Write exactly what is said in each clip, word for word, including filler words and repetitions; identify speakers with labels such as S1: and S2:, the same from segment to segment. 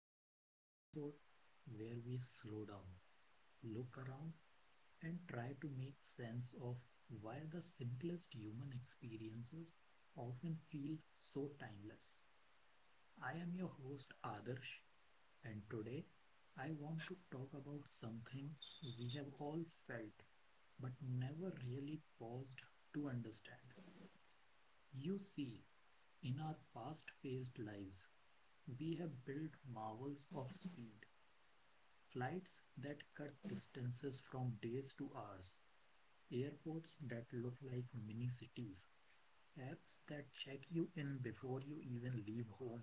S1: This is the episode where we slow down, look around, and try to make sense of why the simplest human experiences often feel so timeless. I am your host, Adarsh, and today I want to talk about something we have all felt but never really paused to understand. You see, in our fast paced lives, we have built marvels of speed, flights that cut distances from days to hours, airports that look like mini cities, apps that check you in before you even leave home.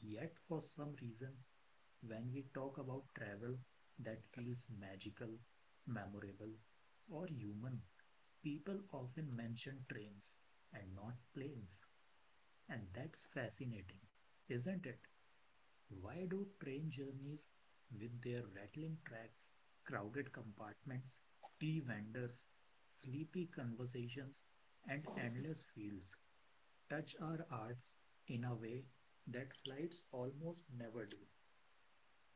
S1: Yet, for some reason, when we talk about travel that feels magical, memorable, or human, people often mention trains and not planes. And that's fascinating, isn't it? Why do train journeys with their rattling tracks, crowded compartments, tea vendors, sleepy conversations, and endless fields touch our hearts in a way that flights almost never do?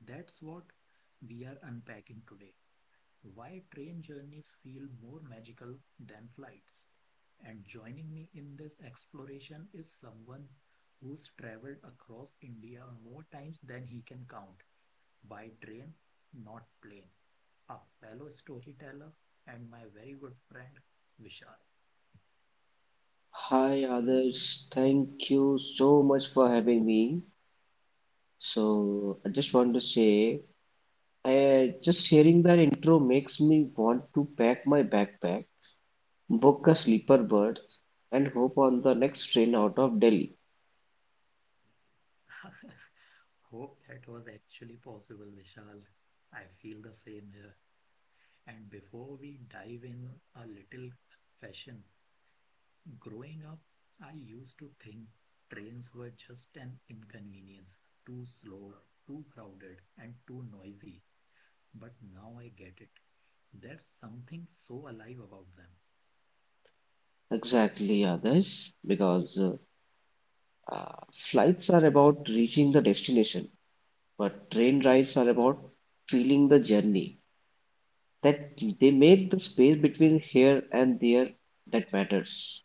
S1: That's what we are unpacking today. Why train journeys feel more magical than flights. And joining me in this exploration is someone who's traveled across India more times than he can count by train, not plane, a fellow storyteller and my very good friend Vishal.
S2: Hi, others. Thank you so much for having me. So, I just want to say, I, just hearing that intro makes me want to pack my backpack, book a sleeper berth, and hope on the next train out of Delhi.
S1: Hope that was actually possible, Vishal. I feel the same here. And before we dive in a little fashion, growing up, I used to think trains were just an inconvenience, too slow, too crowded, and too noisy. But now I get it. There's something so alive about them.
S2: Exactly, others, because uh, uh, flights are about reaching the destination, but train rides are about feeling the journey. That they make the space between here and there that matters.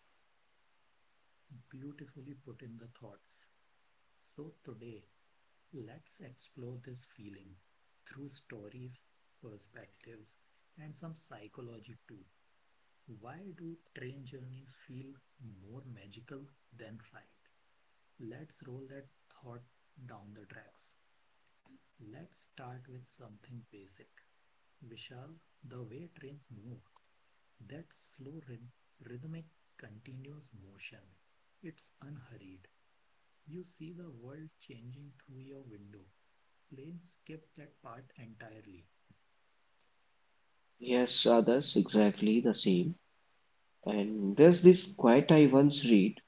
S1: Beautifully put in the thoughts. So today, let's explore this feeling through stories, perspectives, and some psychology too. Why do train journeys feel more magical than ride? Let's roll that thought down the tracks. Let's start with something basic. Vishal, the way trains move, that slow rhythmic continuous motion. It's unhurried. You see the world changing through your window. Planes skip that part entirely.
S2: Yes, others, exactly the same. And there's this quote I once read,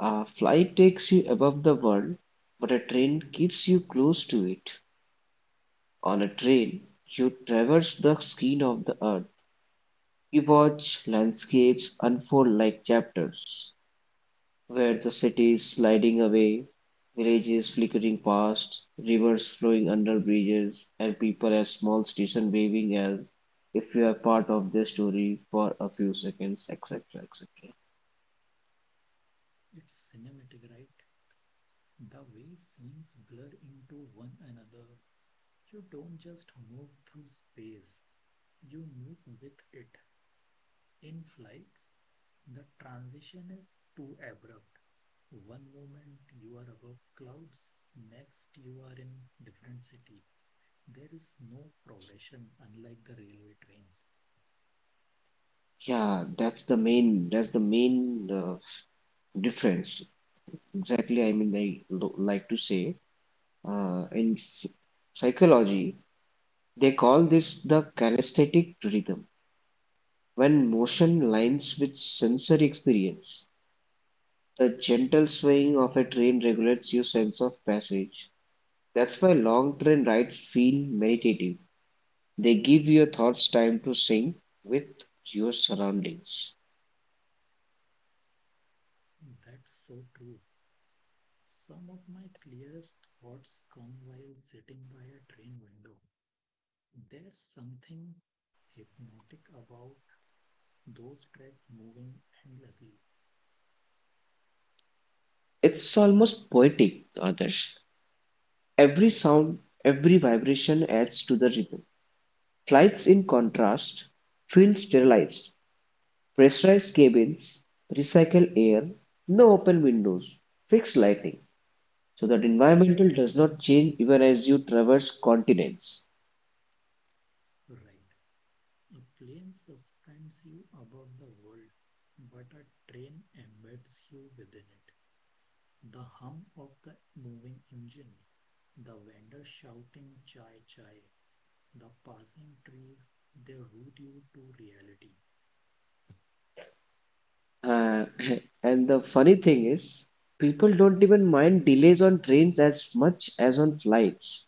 S2: a flight takes you above the world, but a train keeps you close to it. On a train, you traverse the skin of the earth. You watch landscapes unfold like chapters, where the city is sliding away, villages flickering past, rivers flowing under bridges, and people at small stations waving as if you are part of their story for a few seconds, et cetera, et cetera.
S1: It's cinematic, right? The way scenes blur into one another. You don't just move through space, you move with it. In flights, the transition is too abrupt. One moment you are above clouds, next you are in different city. There is no progression unlike the railway trains.
S2: Yeah, that's the main that's the main uh, difference. Exactly, I mean, I lo- like to say uh, in ph- psychology, they call this the kinesthetic rhythm when motion lines with sensory experience. The gentle swaying of a train regulates your sense of passage. That's why long train rides feel meditative. They give your thoughts time to sink with your surroundings.
S1: That's so true. Some of my clearest thoughts come while sitting by a train window. There's something hypnotic about those tracks moving endlessly.
S2: It's almost poetic, others. Every sound, every vibration adds to the rhythm. Flights, in contrast, feel sterilized. Pressurized cabins, recycled air, no open windows, fixed lighting, so that environmental does not change even as you traverse continents.
S1: Right. A plane suspends you above the world, but a train embeds you within it. The hum of the moving engine, the vendor shouting chai chai, the passing trees, they root you to reality.
S2: Uh, and the funny thing is, people don't even mind delays on trains as much as on flights.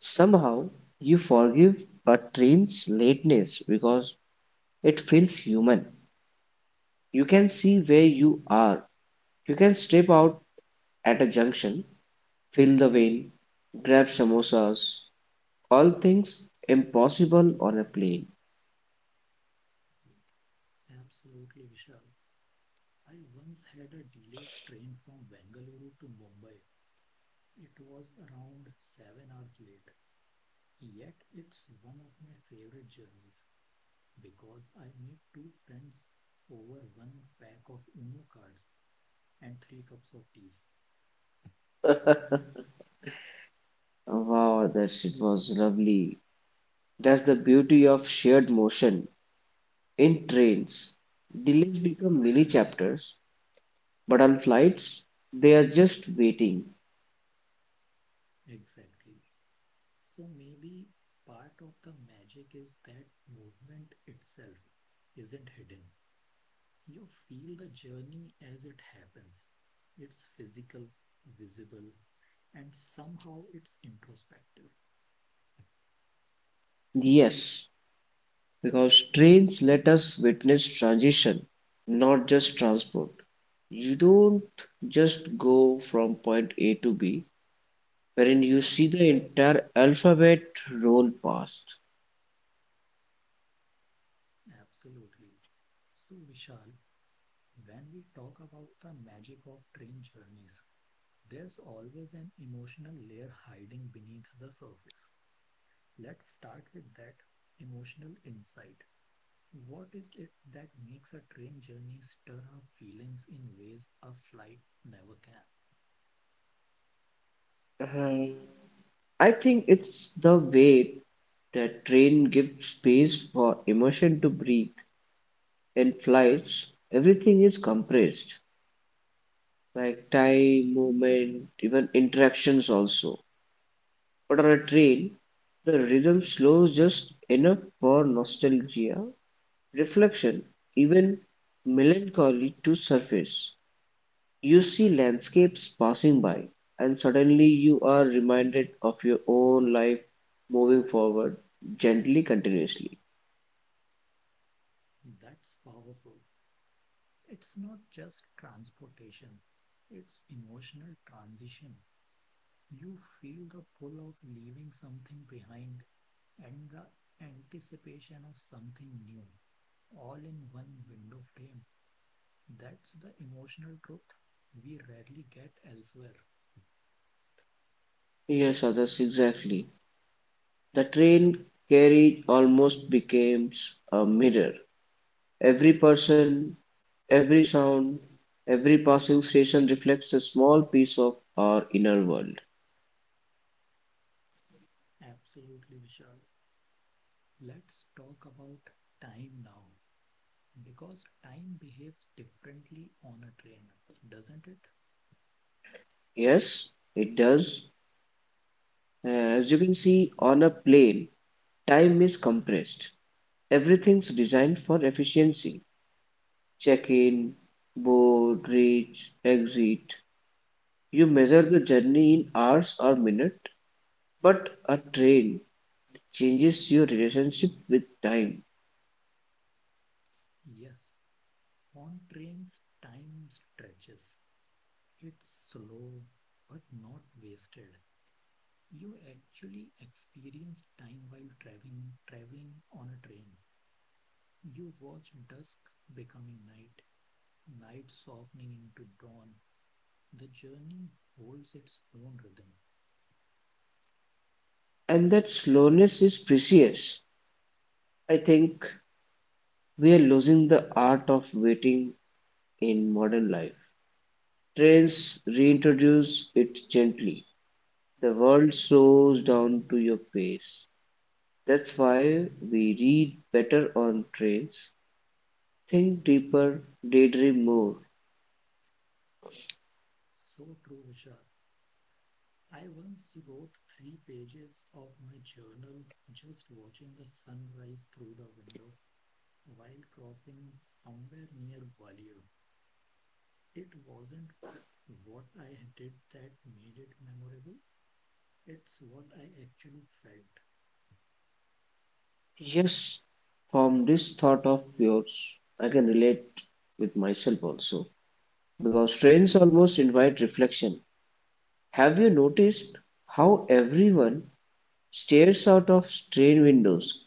S2: Somehow, you forgive a train's lateness because it feels human. You can see where you are. You can step out at a junction, fill the vein, grab samosas, all things impossible on a plane.
S1: Absolutely, Vishal. I once had a delayed train from Bengaluru to Mumbai. It was around seven hours late. Yet it's one of my favorite journeys because I made two friends over one pack of Uno cards and three cups of tea.
S2: Wow, that shit was lovely. That's the beauty of shared motion. In trains, delays become mini chapters, but on flights, they are just waiting.
S1: Exactly. So maybe part of the magic is that movement itself isn't hidden. You feel the journey as it happens. It's physical, visible, and somehow it's introspective.
S2: Yes, because trains let us witness transition, not just transport. You don't just go from point A to B, wherein you see the entire alphabet roll past.
S1: Absolutely. So, Vishal, when we talk about the magic of train journeys, there's always an emotional layer hiding beneath the surface. Let's start with that emotional insight. What is it that makes a train journey stir up feelings in ways a flight never can?
S2: Um, I think it's the way that train gives space for emotion to breathe. In flights, everything is compressed, like time, movement, even interactions also. But on a train, the rhythm slows just enough for nostalgia, reflection, even melancholy to surface. You see landscapes passing by, and suddenly you are reminded of your own life moving forward gently, continuously.
S1: That's powerful. It's not just transportation, it's emotional transition. You feel the pull of leaving something behind and the anticipation of something new, all in one window frame. That's the emotional truth we rarely get elsewhere.
S2: Yes, others, exactly. The train carriage almost becomes a mirror. Every person Every sound, every passing station reflects a small piece of our inner world.
S1: Absolutely, Vishal. Let's talk about time now, because time behaves differently on a train, doesn't it?
S2: Yes, it does. As you can see, on a plane, time is compressed. Everything's designed for efficiency. Check in, board, reach, exit. You measure the journey in hours or minutes, but a train changes your relationship with time.
S1: Yes, on trains, time stretches. It's slow but not wasted. You actually experience time while traveling, traveling on a train. You watch dusk becoming night, night softening into dawn. The journey holds its own rhythm.
S2: And that slowness is precious. I think we are losing the art of waiting in modern life. Trends reintroduce it gently. The world slows down to your pace. That's why we read better on trains, think deeper, daydream more.
S1: So true, Vishal. I once wrote three pages of my journal just watching the sunrise through the window while crossing somewhere near Gwalior. It wasn't what I did that made it memorable, it's what I actually felt.
S2: Yes, from this thought of yours, I can relate with myself also, because trains almost invite reflection. Have you noticed how everyone stares out of train windows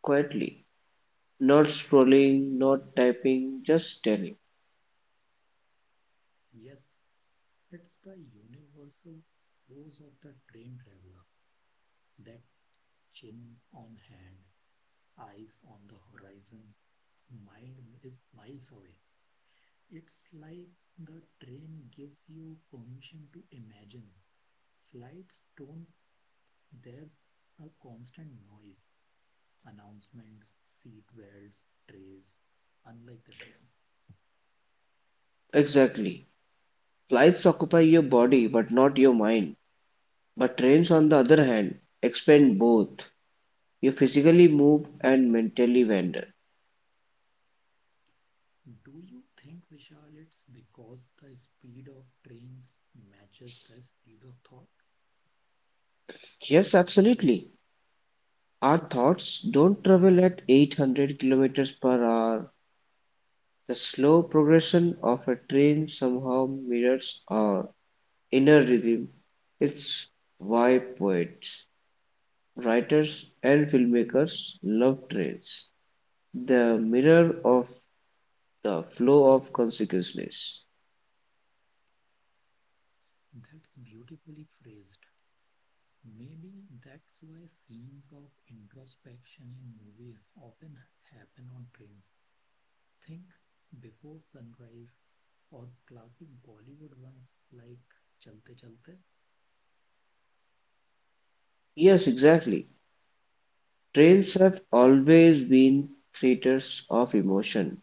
S2: quietly? Not scrolling, not typing, just staring.
S1: Yes, it's the universal pose of the train traveler, that chin on hand, eyes on the horizon, mind is miles away. It's like the train gives you permission to imagine. Flights don't, there's a constant noise, announcements, seat belts, trays, unlike the trains.
S2: Exactly. Flights occupy your body but not your mind. But trains, on the other hand, expend both. You physically move and mentally wander.
S1: Do you think, Vishal, it's because the speed of trains matches the speed of thought?
S2: Yes, absolutely. Our thoughts don't travel at eight hundred kilometers per hour. The slow progression of a train somehow mirrors our inner rhythm. It's why poets, writers, and filmmakers love trains. The mirror of the flow of consciousness.
S1: That's beautifully phrased. Maybe that's why scenes of introspection in movies often happen on trains. Think before sunrise or classic Bollywood ones like Chalte Chalte.
S2: Yes, exactly. Trains have always been theaters of emotion,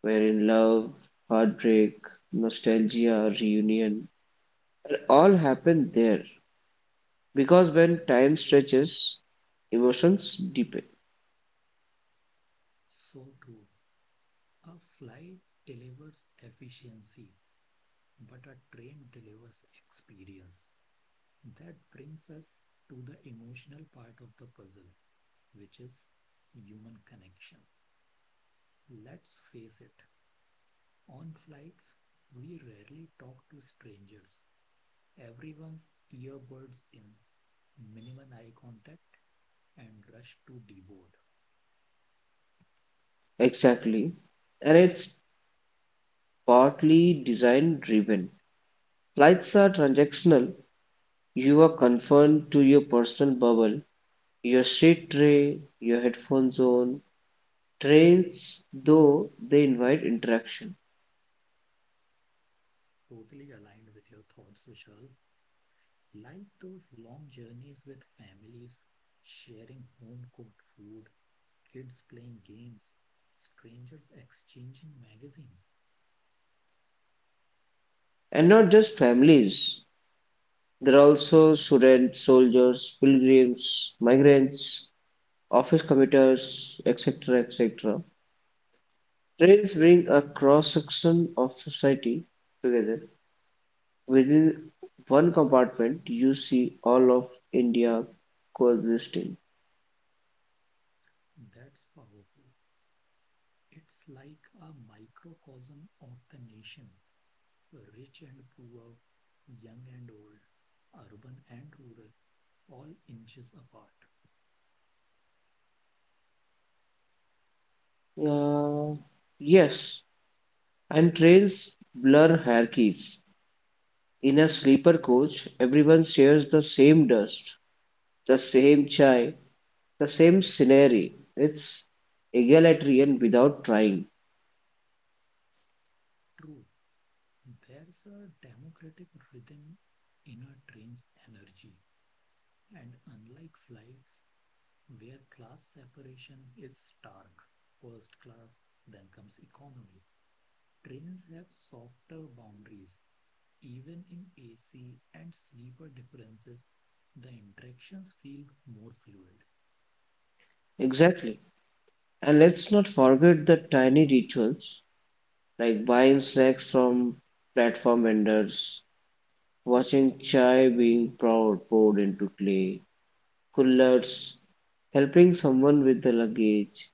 S2: wherein love, heartbreak, nostalgia, reunion all happen there. Because when time stretches, emotions deepen.
S1: So true. A flight delivers efficiency, but a train delivers experience. That brings us to the emotional part of the puzzle, which is human connection. Let's face it, on flights, we rarely talk to strangers. Everyone's earbuds in, minimum eye contact, and rush to deboard.
S2: Exactly. And it's partly design driven. Flights are transactional. You are confined to your personal bubble. Your seat tray, your headphones on. Trains, though, they invite interaction.
S1: Totally aligned with your thoughts, Vishal. Like those long journeys with families, sharing home cooked food, kids playing games, strangers exchanging magazines.
S2: And not just families, there are also students, soldiers, pilgrims, migrants, office commuters, et cetera et cetera. Trains bring a cross section of society together. Within one compartment, you see all of India coexisting.
S1: That's powerful. It's like a microcosm of the nation, rich and poor, young and old, urban and rural, all inches apart.
S2: Uh, yes, and trains blur hierarchies. In a sleeper coach, everyone shares the same dust, the same chai, the same scenery. It's egalitarian without trying.
S1: True, there's a democratic rhythm in a train's energy, and unlike flights, where class separation is stark. First class, then comes economy. Trains have softer boundaries. Even in A C and sleeper differences, the interactions feel more fluid.
S2: Exactly. And let's not forget the tiny rituals like buying snacks from platform vendors, watching chai being poured, poured into clay coolers, helping someone with the luggage,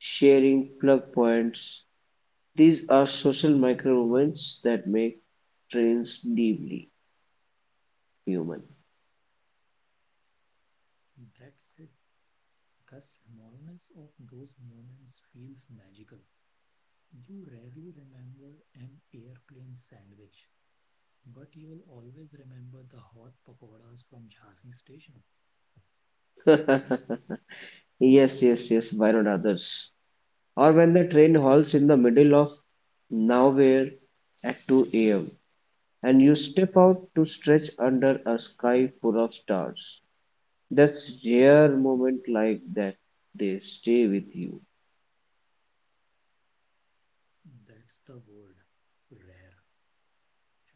S2: sharing plug points. These are social micro moments that make trains deeply human.
S1: That's it. The smallness of those moments feels magical. You rarely remember an airplane sandwich, but you will always remember the hot pakoras from Jhansi station.
S2: Yes, yes, yes, why not, others? Or when the train halts in the middle of nowhere at two a m and you step out to stretch under a sky full of stars. That's rare. Moment like that, they stay with you.
S1: That's the word rare.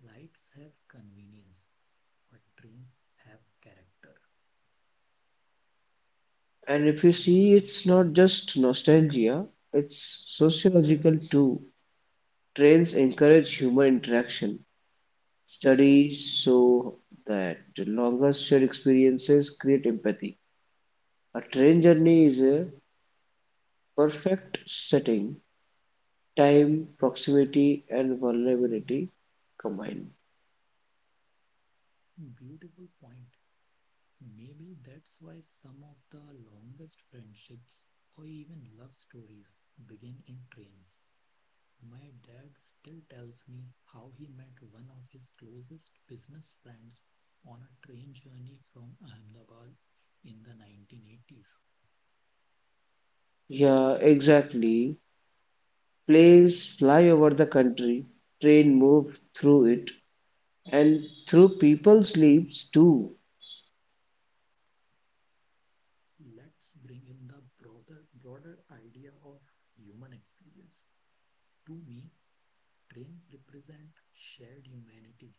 S1: Lights have convenience, but trains have character.
S2: And if you see, it's not just nostalgia, it's sociological too. Trains encourage human interaction. Studies show that longer shared experiences create empathy. A train journey is a perfect setting, time, proximity, and vulnerability combined.
S1: Beautiful point. Maybe that's why some of the longest friendships or even love stories begin in trains. My dad still tells me how he met one of his closest business friends on a train journey from Ahmedabad in the nineteen eighties.
S2: Yeah, exactly. Planes fly over the country, train move through it, and through people's lives too.
S1: Let's bring in the broader, broader idea of human experience. To me, trains represent shared humanity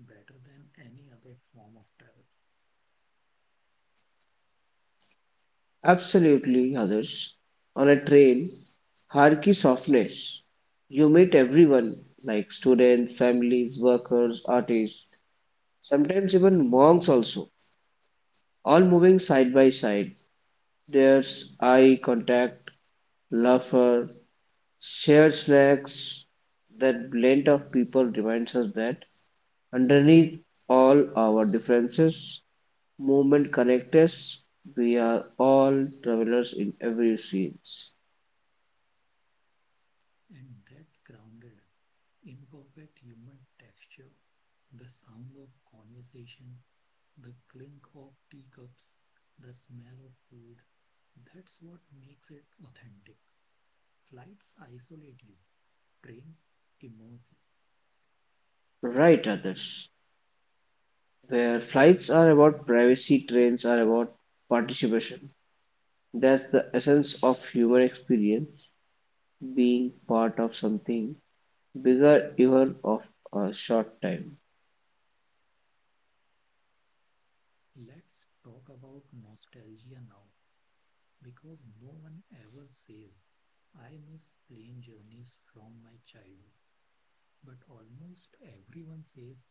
S1: better than any other form of travel,
S2: Absolutely, others. On a train, hierarchy softness. You meet everyone, like students, families, workers, artists, sometimes even monks also, all moving side by side. There's eye contact, laughter, shared snacks. That blend of people reminds us that underneath all our differences, movement connects us. We are all travelers in every scene.
S1: and that grounded, imperfect human texture, the sound of conversation, the clink of teacups, the smell of food, that's what makes it authentic. Flights isolate you, trains immerse
S2: Right, others. Where flights are about privacy, trains are about participation. That's the essence of human experience, being part of something bigger, even of a short time.
S1: you. Let's talk about nostalgia now, because no one ever says, I miss plane journeys from my childhood. But almost everyone says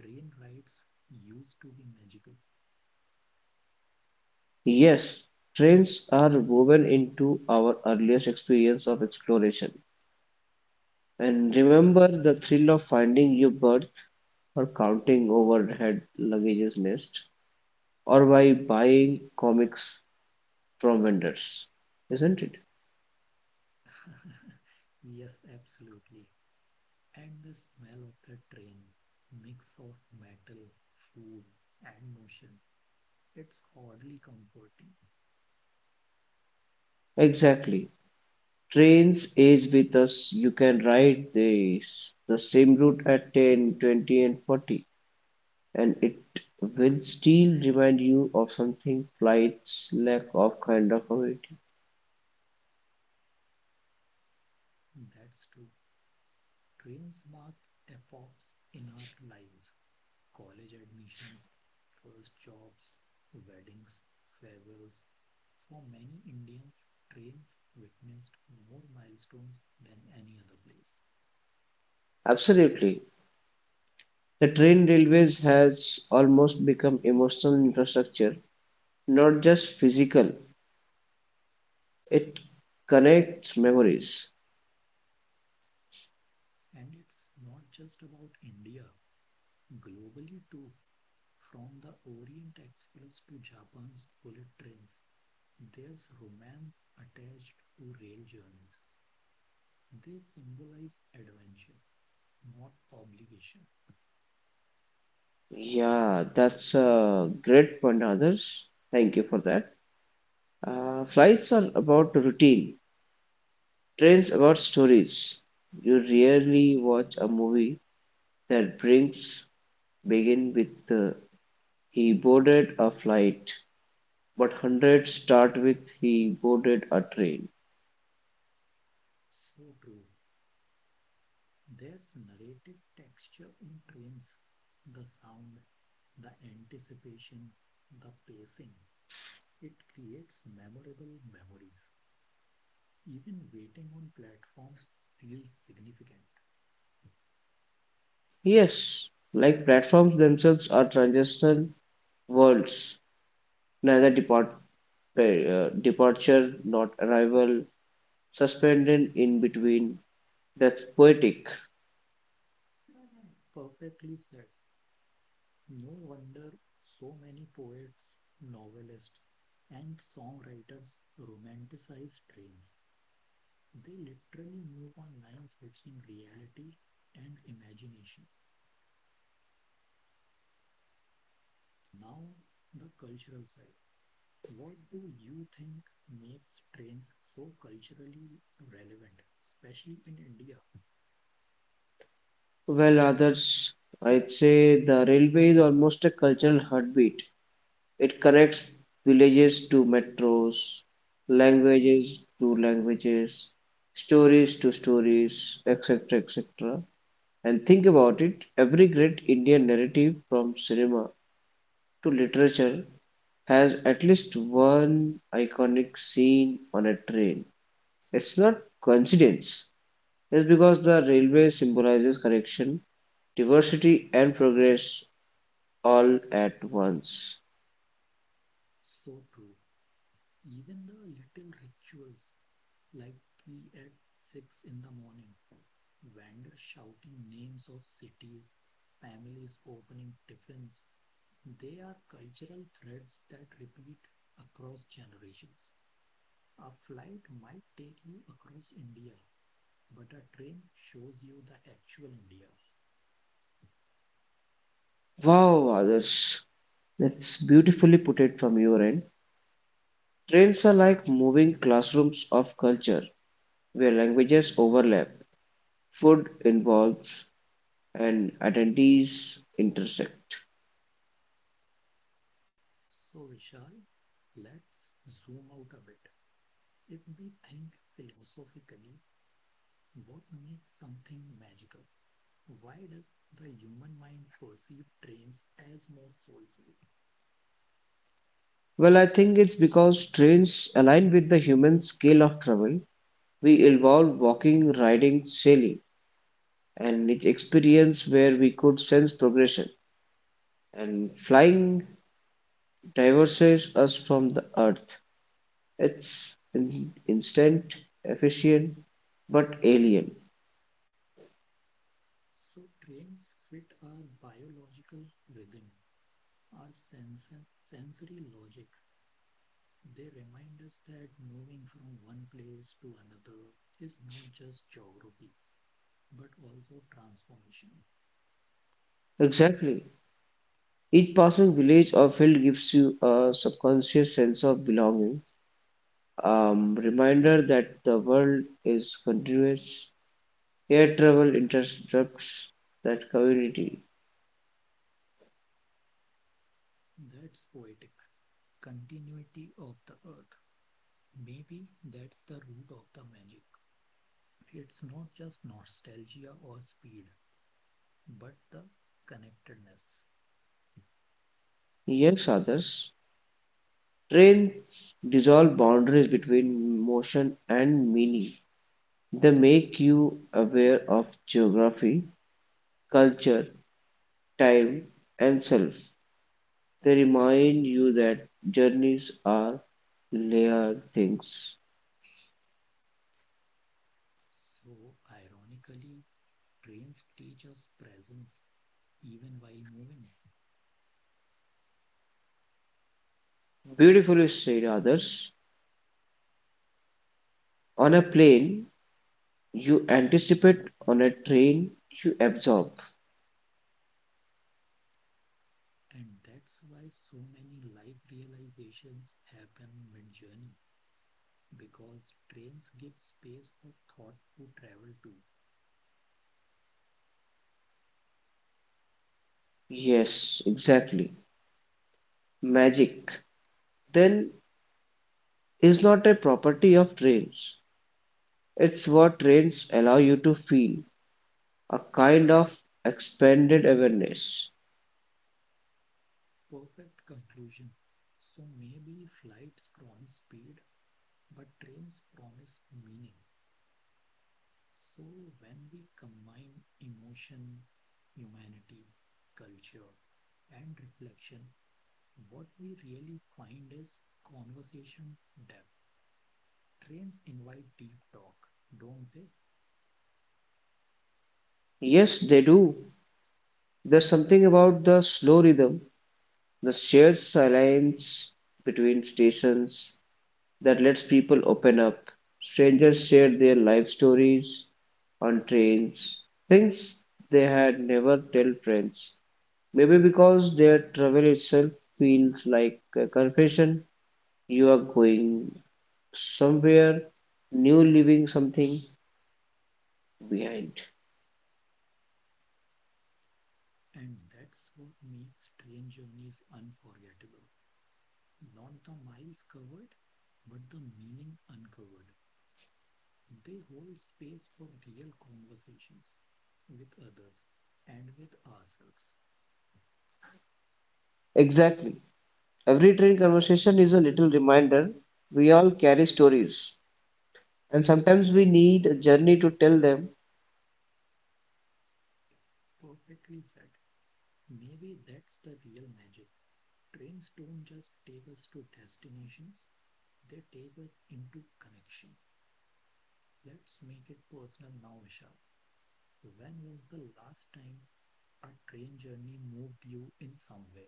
S1: train rides used to be magical.
S2: Yes, trails are woven into our earliest experience of exploration. And remember the thrill of finding your bird or counting overhead luggage's nest or by buying comics from vendors, isn't it?
S1: Yes, absolutely. And the smell of the train, mix of metal, food, and motion, it's oddly comforting.
S2: Exactly. Trains age with us. You can ride this, the same route at ten, twenty, and forty, and it will still remind you of something flight's lack of kind of community.
S1: That's true. Trains mark epochs in our lives. College admissions, first jobs, weddings, farewells. For many Indians, trains witnessed more milestones than any other place.
S2: Absolutely. The train railways has almost become emotional infrastructure, not just physical. It connects memories.
S1: And it's not just about India, globally too. From the Orient Express to Japan's bullet trains, there's romance attached to rail journeys. They symbolize adventure, not obligation.
S2: Yeah, that's a great point, others. Thank you for that. Uh, flights are about routine, trains about stories. You rarely watch a movie that brings begin with uh, he boarded a flight, but hundreds start with he boarded a train.
S1: So true. There's narrative texture in trains, the sound, the anticipation, the pacing. It creates memorable memories. Even waiting on platforms feels significant.
S2: Yes, like platforms themselves are transitional worlds, neither depart, uh, departure not arrival, suspended in between. That's poetic.
S1: Perfectly said. No wonder so many poets, novelists, and songwriters romanticize trains. They literally move on lines between reality and imagination. Now, the cultural side. What do you think makes trains so culturally relevant, especially in India?
S2: Well, others, I'd say the railway is almost a cultural heartbeat. It connects villages to metros, languages to languages, stories to stories, et cetera et cetera. And think about it, every great Indian narrative from cinema to literature has at least one iconic scene on a train. It's not coincidence. It's because the railway symbolizes connection, diversity, and progress all at once.
S1: So true. Even the little rituals, like tea at six in the morning, vendors shouting names of cities, families opening tiffins, they are cultural threads that repeat across generations. A flight might take you across India, but a train shows you the actual India.
S2: Wow, others. That's beautifully put it from your end. Trains are like moving classrooms of culture where languages overlap, food involves, and identities intersect.
S1: So, Vishal, let's zoom out a bit. If we think philosophically, what makes something magical? Why does the human mind perceive trains as more soulful?
S2: Well, I think it's because trains align with the human scale of travel. We evolved walking, riding, sailing, and each experience where we could sense progression. And flying divorces us from the earth. It's in- instant, efficient, but alien.
S1: So, trains fit our biological rhythm, our sense, sensory logic. They remind us that moving from one place to another is not just geography, but also transformation.
S2: Exactly. Each passing village or field gives you a subconscious sense of belonging, um, reminder that the world is continuous. Air travel interrupts that community.
S1: That's poetic. Continuity of the earth. Maybe that's the root of the magic. It's not just nostalgia or speed, but the connectedness.
S2: Yes, others. Trains dissolve boundaries between motion and meaning. They make you aware of geography, culture, time, and self. They remind you that journeys are layered things.
S1: So, ironically, trains teach us presence even while moving.
S2: Beautifully said, others. On a plane, you anticipate, on a train, you absorb.
S1: And that's why so many life realizations happen mid journey because trains give space for thought to travel to.
S2: Yes, exactly. Magic, then, is not a property of trains. It's what trains allow you to feel, a kind of expanded awareness.
S1: Perfect conclusion. So maybe flights promise speed, but trains promise meaning. So when we combine emotion, humanity, culture, and reflection, what we really find is conversation depth. Trains invite deep talk, don't they?
S2: Yes, they do. There's something about the slow rhythm, the shared silence between stations that lets people open up. Strangers share their life stories on trains, things they had never tell friends. Maybe because their travel itself feels like a confession. You are going somewhere new, leaving something behind.
S1: And that's what makes train journeys unforgettable. Not the miles covered, but the meaning uncovered. They hold space for real conversations with others and with ourselves.
S2: Exactly. Every train conversation is a little reminder we all carry stories, and sometimes we need a journey to tell them.
S1: Perfectly said. Maybe that's the real magic. Trains don't just take us to destinations, they take us into connection. Let's make it personal now, Vishal. When was the last time a train journey moved you in some way?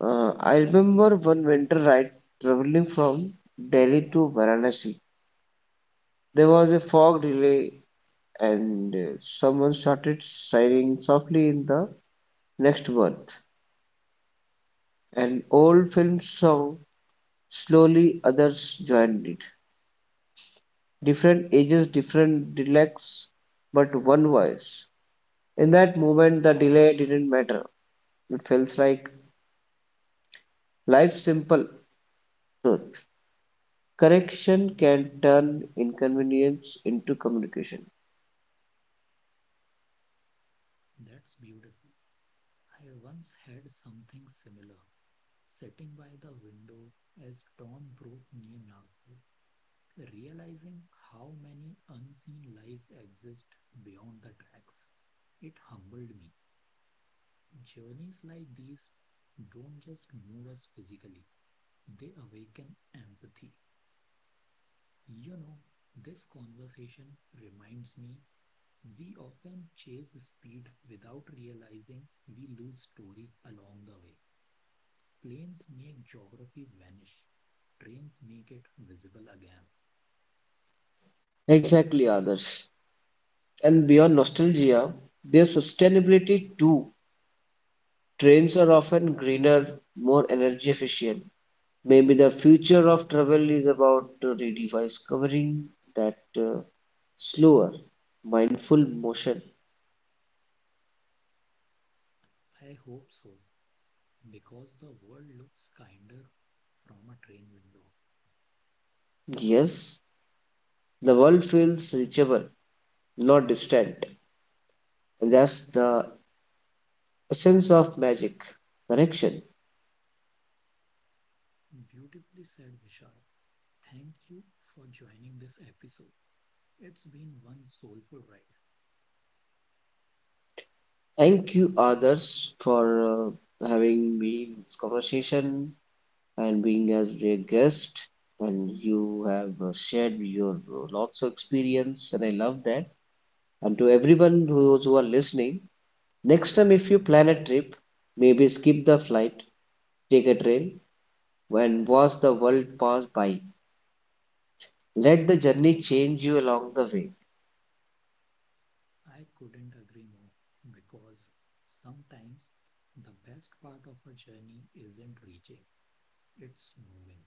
S2: Uh, I remember one winter ride traveling from Delhi to Varanasi. There was a fog delay, and uh, someone started sighing softly in the next berth. An old film song, slowly others joined it. Different ages, different dialects, but one voice. In that moment, the delay didn't matter. It feels like life's simple truth. Correction can turn inconvenience into communication.
S1: That's beautiful. I once had something similar. Sitting by the window as dawn broke near Nagpur, realizing how many unseen lives exist beyond the tracks. It humbled me. Journeys like these don't just move us physically, they awaken empathy. You know, this conversation reminds me we often chase speed without realizing we lose stories along the way. Planes make geography vanish, trains make it visible again.
S2: Exactly, others. And beyond nostalgia, their sustainability too. Trains are often greener, more energy efficient. Maybe the future of travel is about uh, rediscovering that uh, slower, mindful motion.
S1: I hope so, because the world looks kinder from a train window.
S2: Yes, the world feels reachable, not distant. That's the essence of magic, connection.
S1: Beautifully said, Vishal. Thank you for joining this episode. It's been one soulful ride.
S2: Thank you, others, for uh, having me in this conversation and being as a guest. And you have uh, shared your lots of experience, and I love that. And to everyone who- those who are listening, next time if you plan a trip, maybe skip the flight, take a train, and watch the world pass by. Let the journey change you along the way.
S1: I couldn't agree more because sometimes the best part of a journey isn't reaching, it's moving.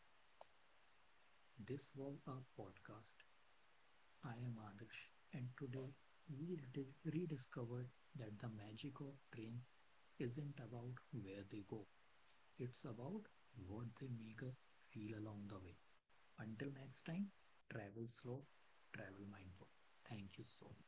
S1: This was our podcast. I am Adarsh, and today we rediscovered that the magic of trains isn't about where they go, it's about what they make us feel along the way. Until next time, travel slow, travel mindful. Thank you so much.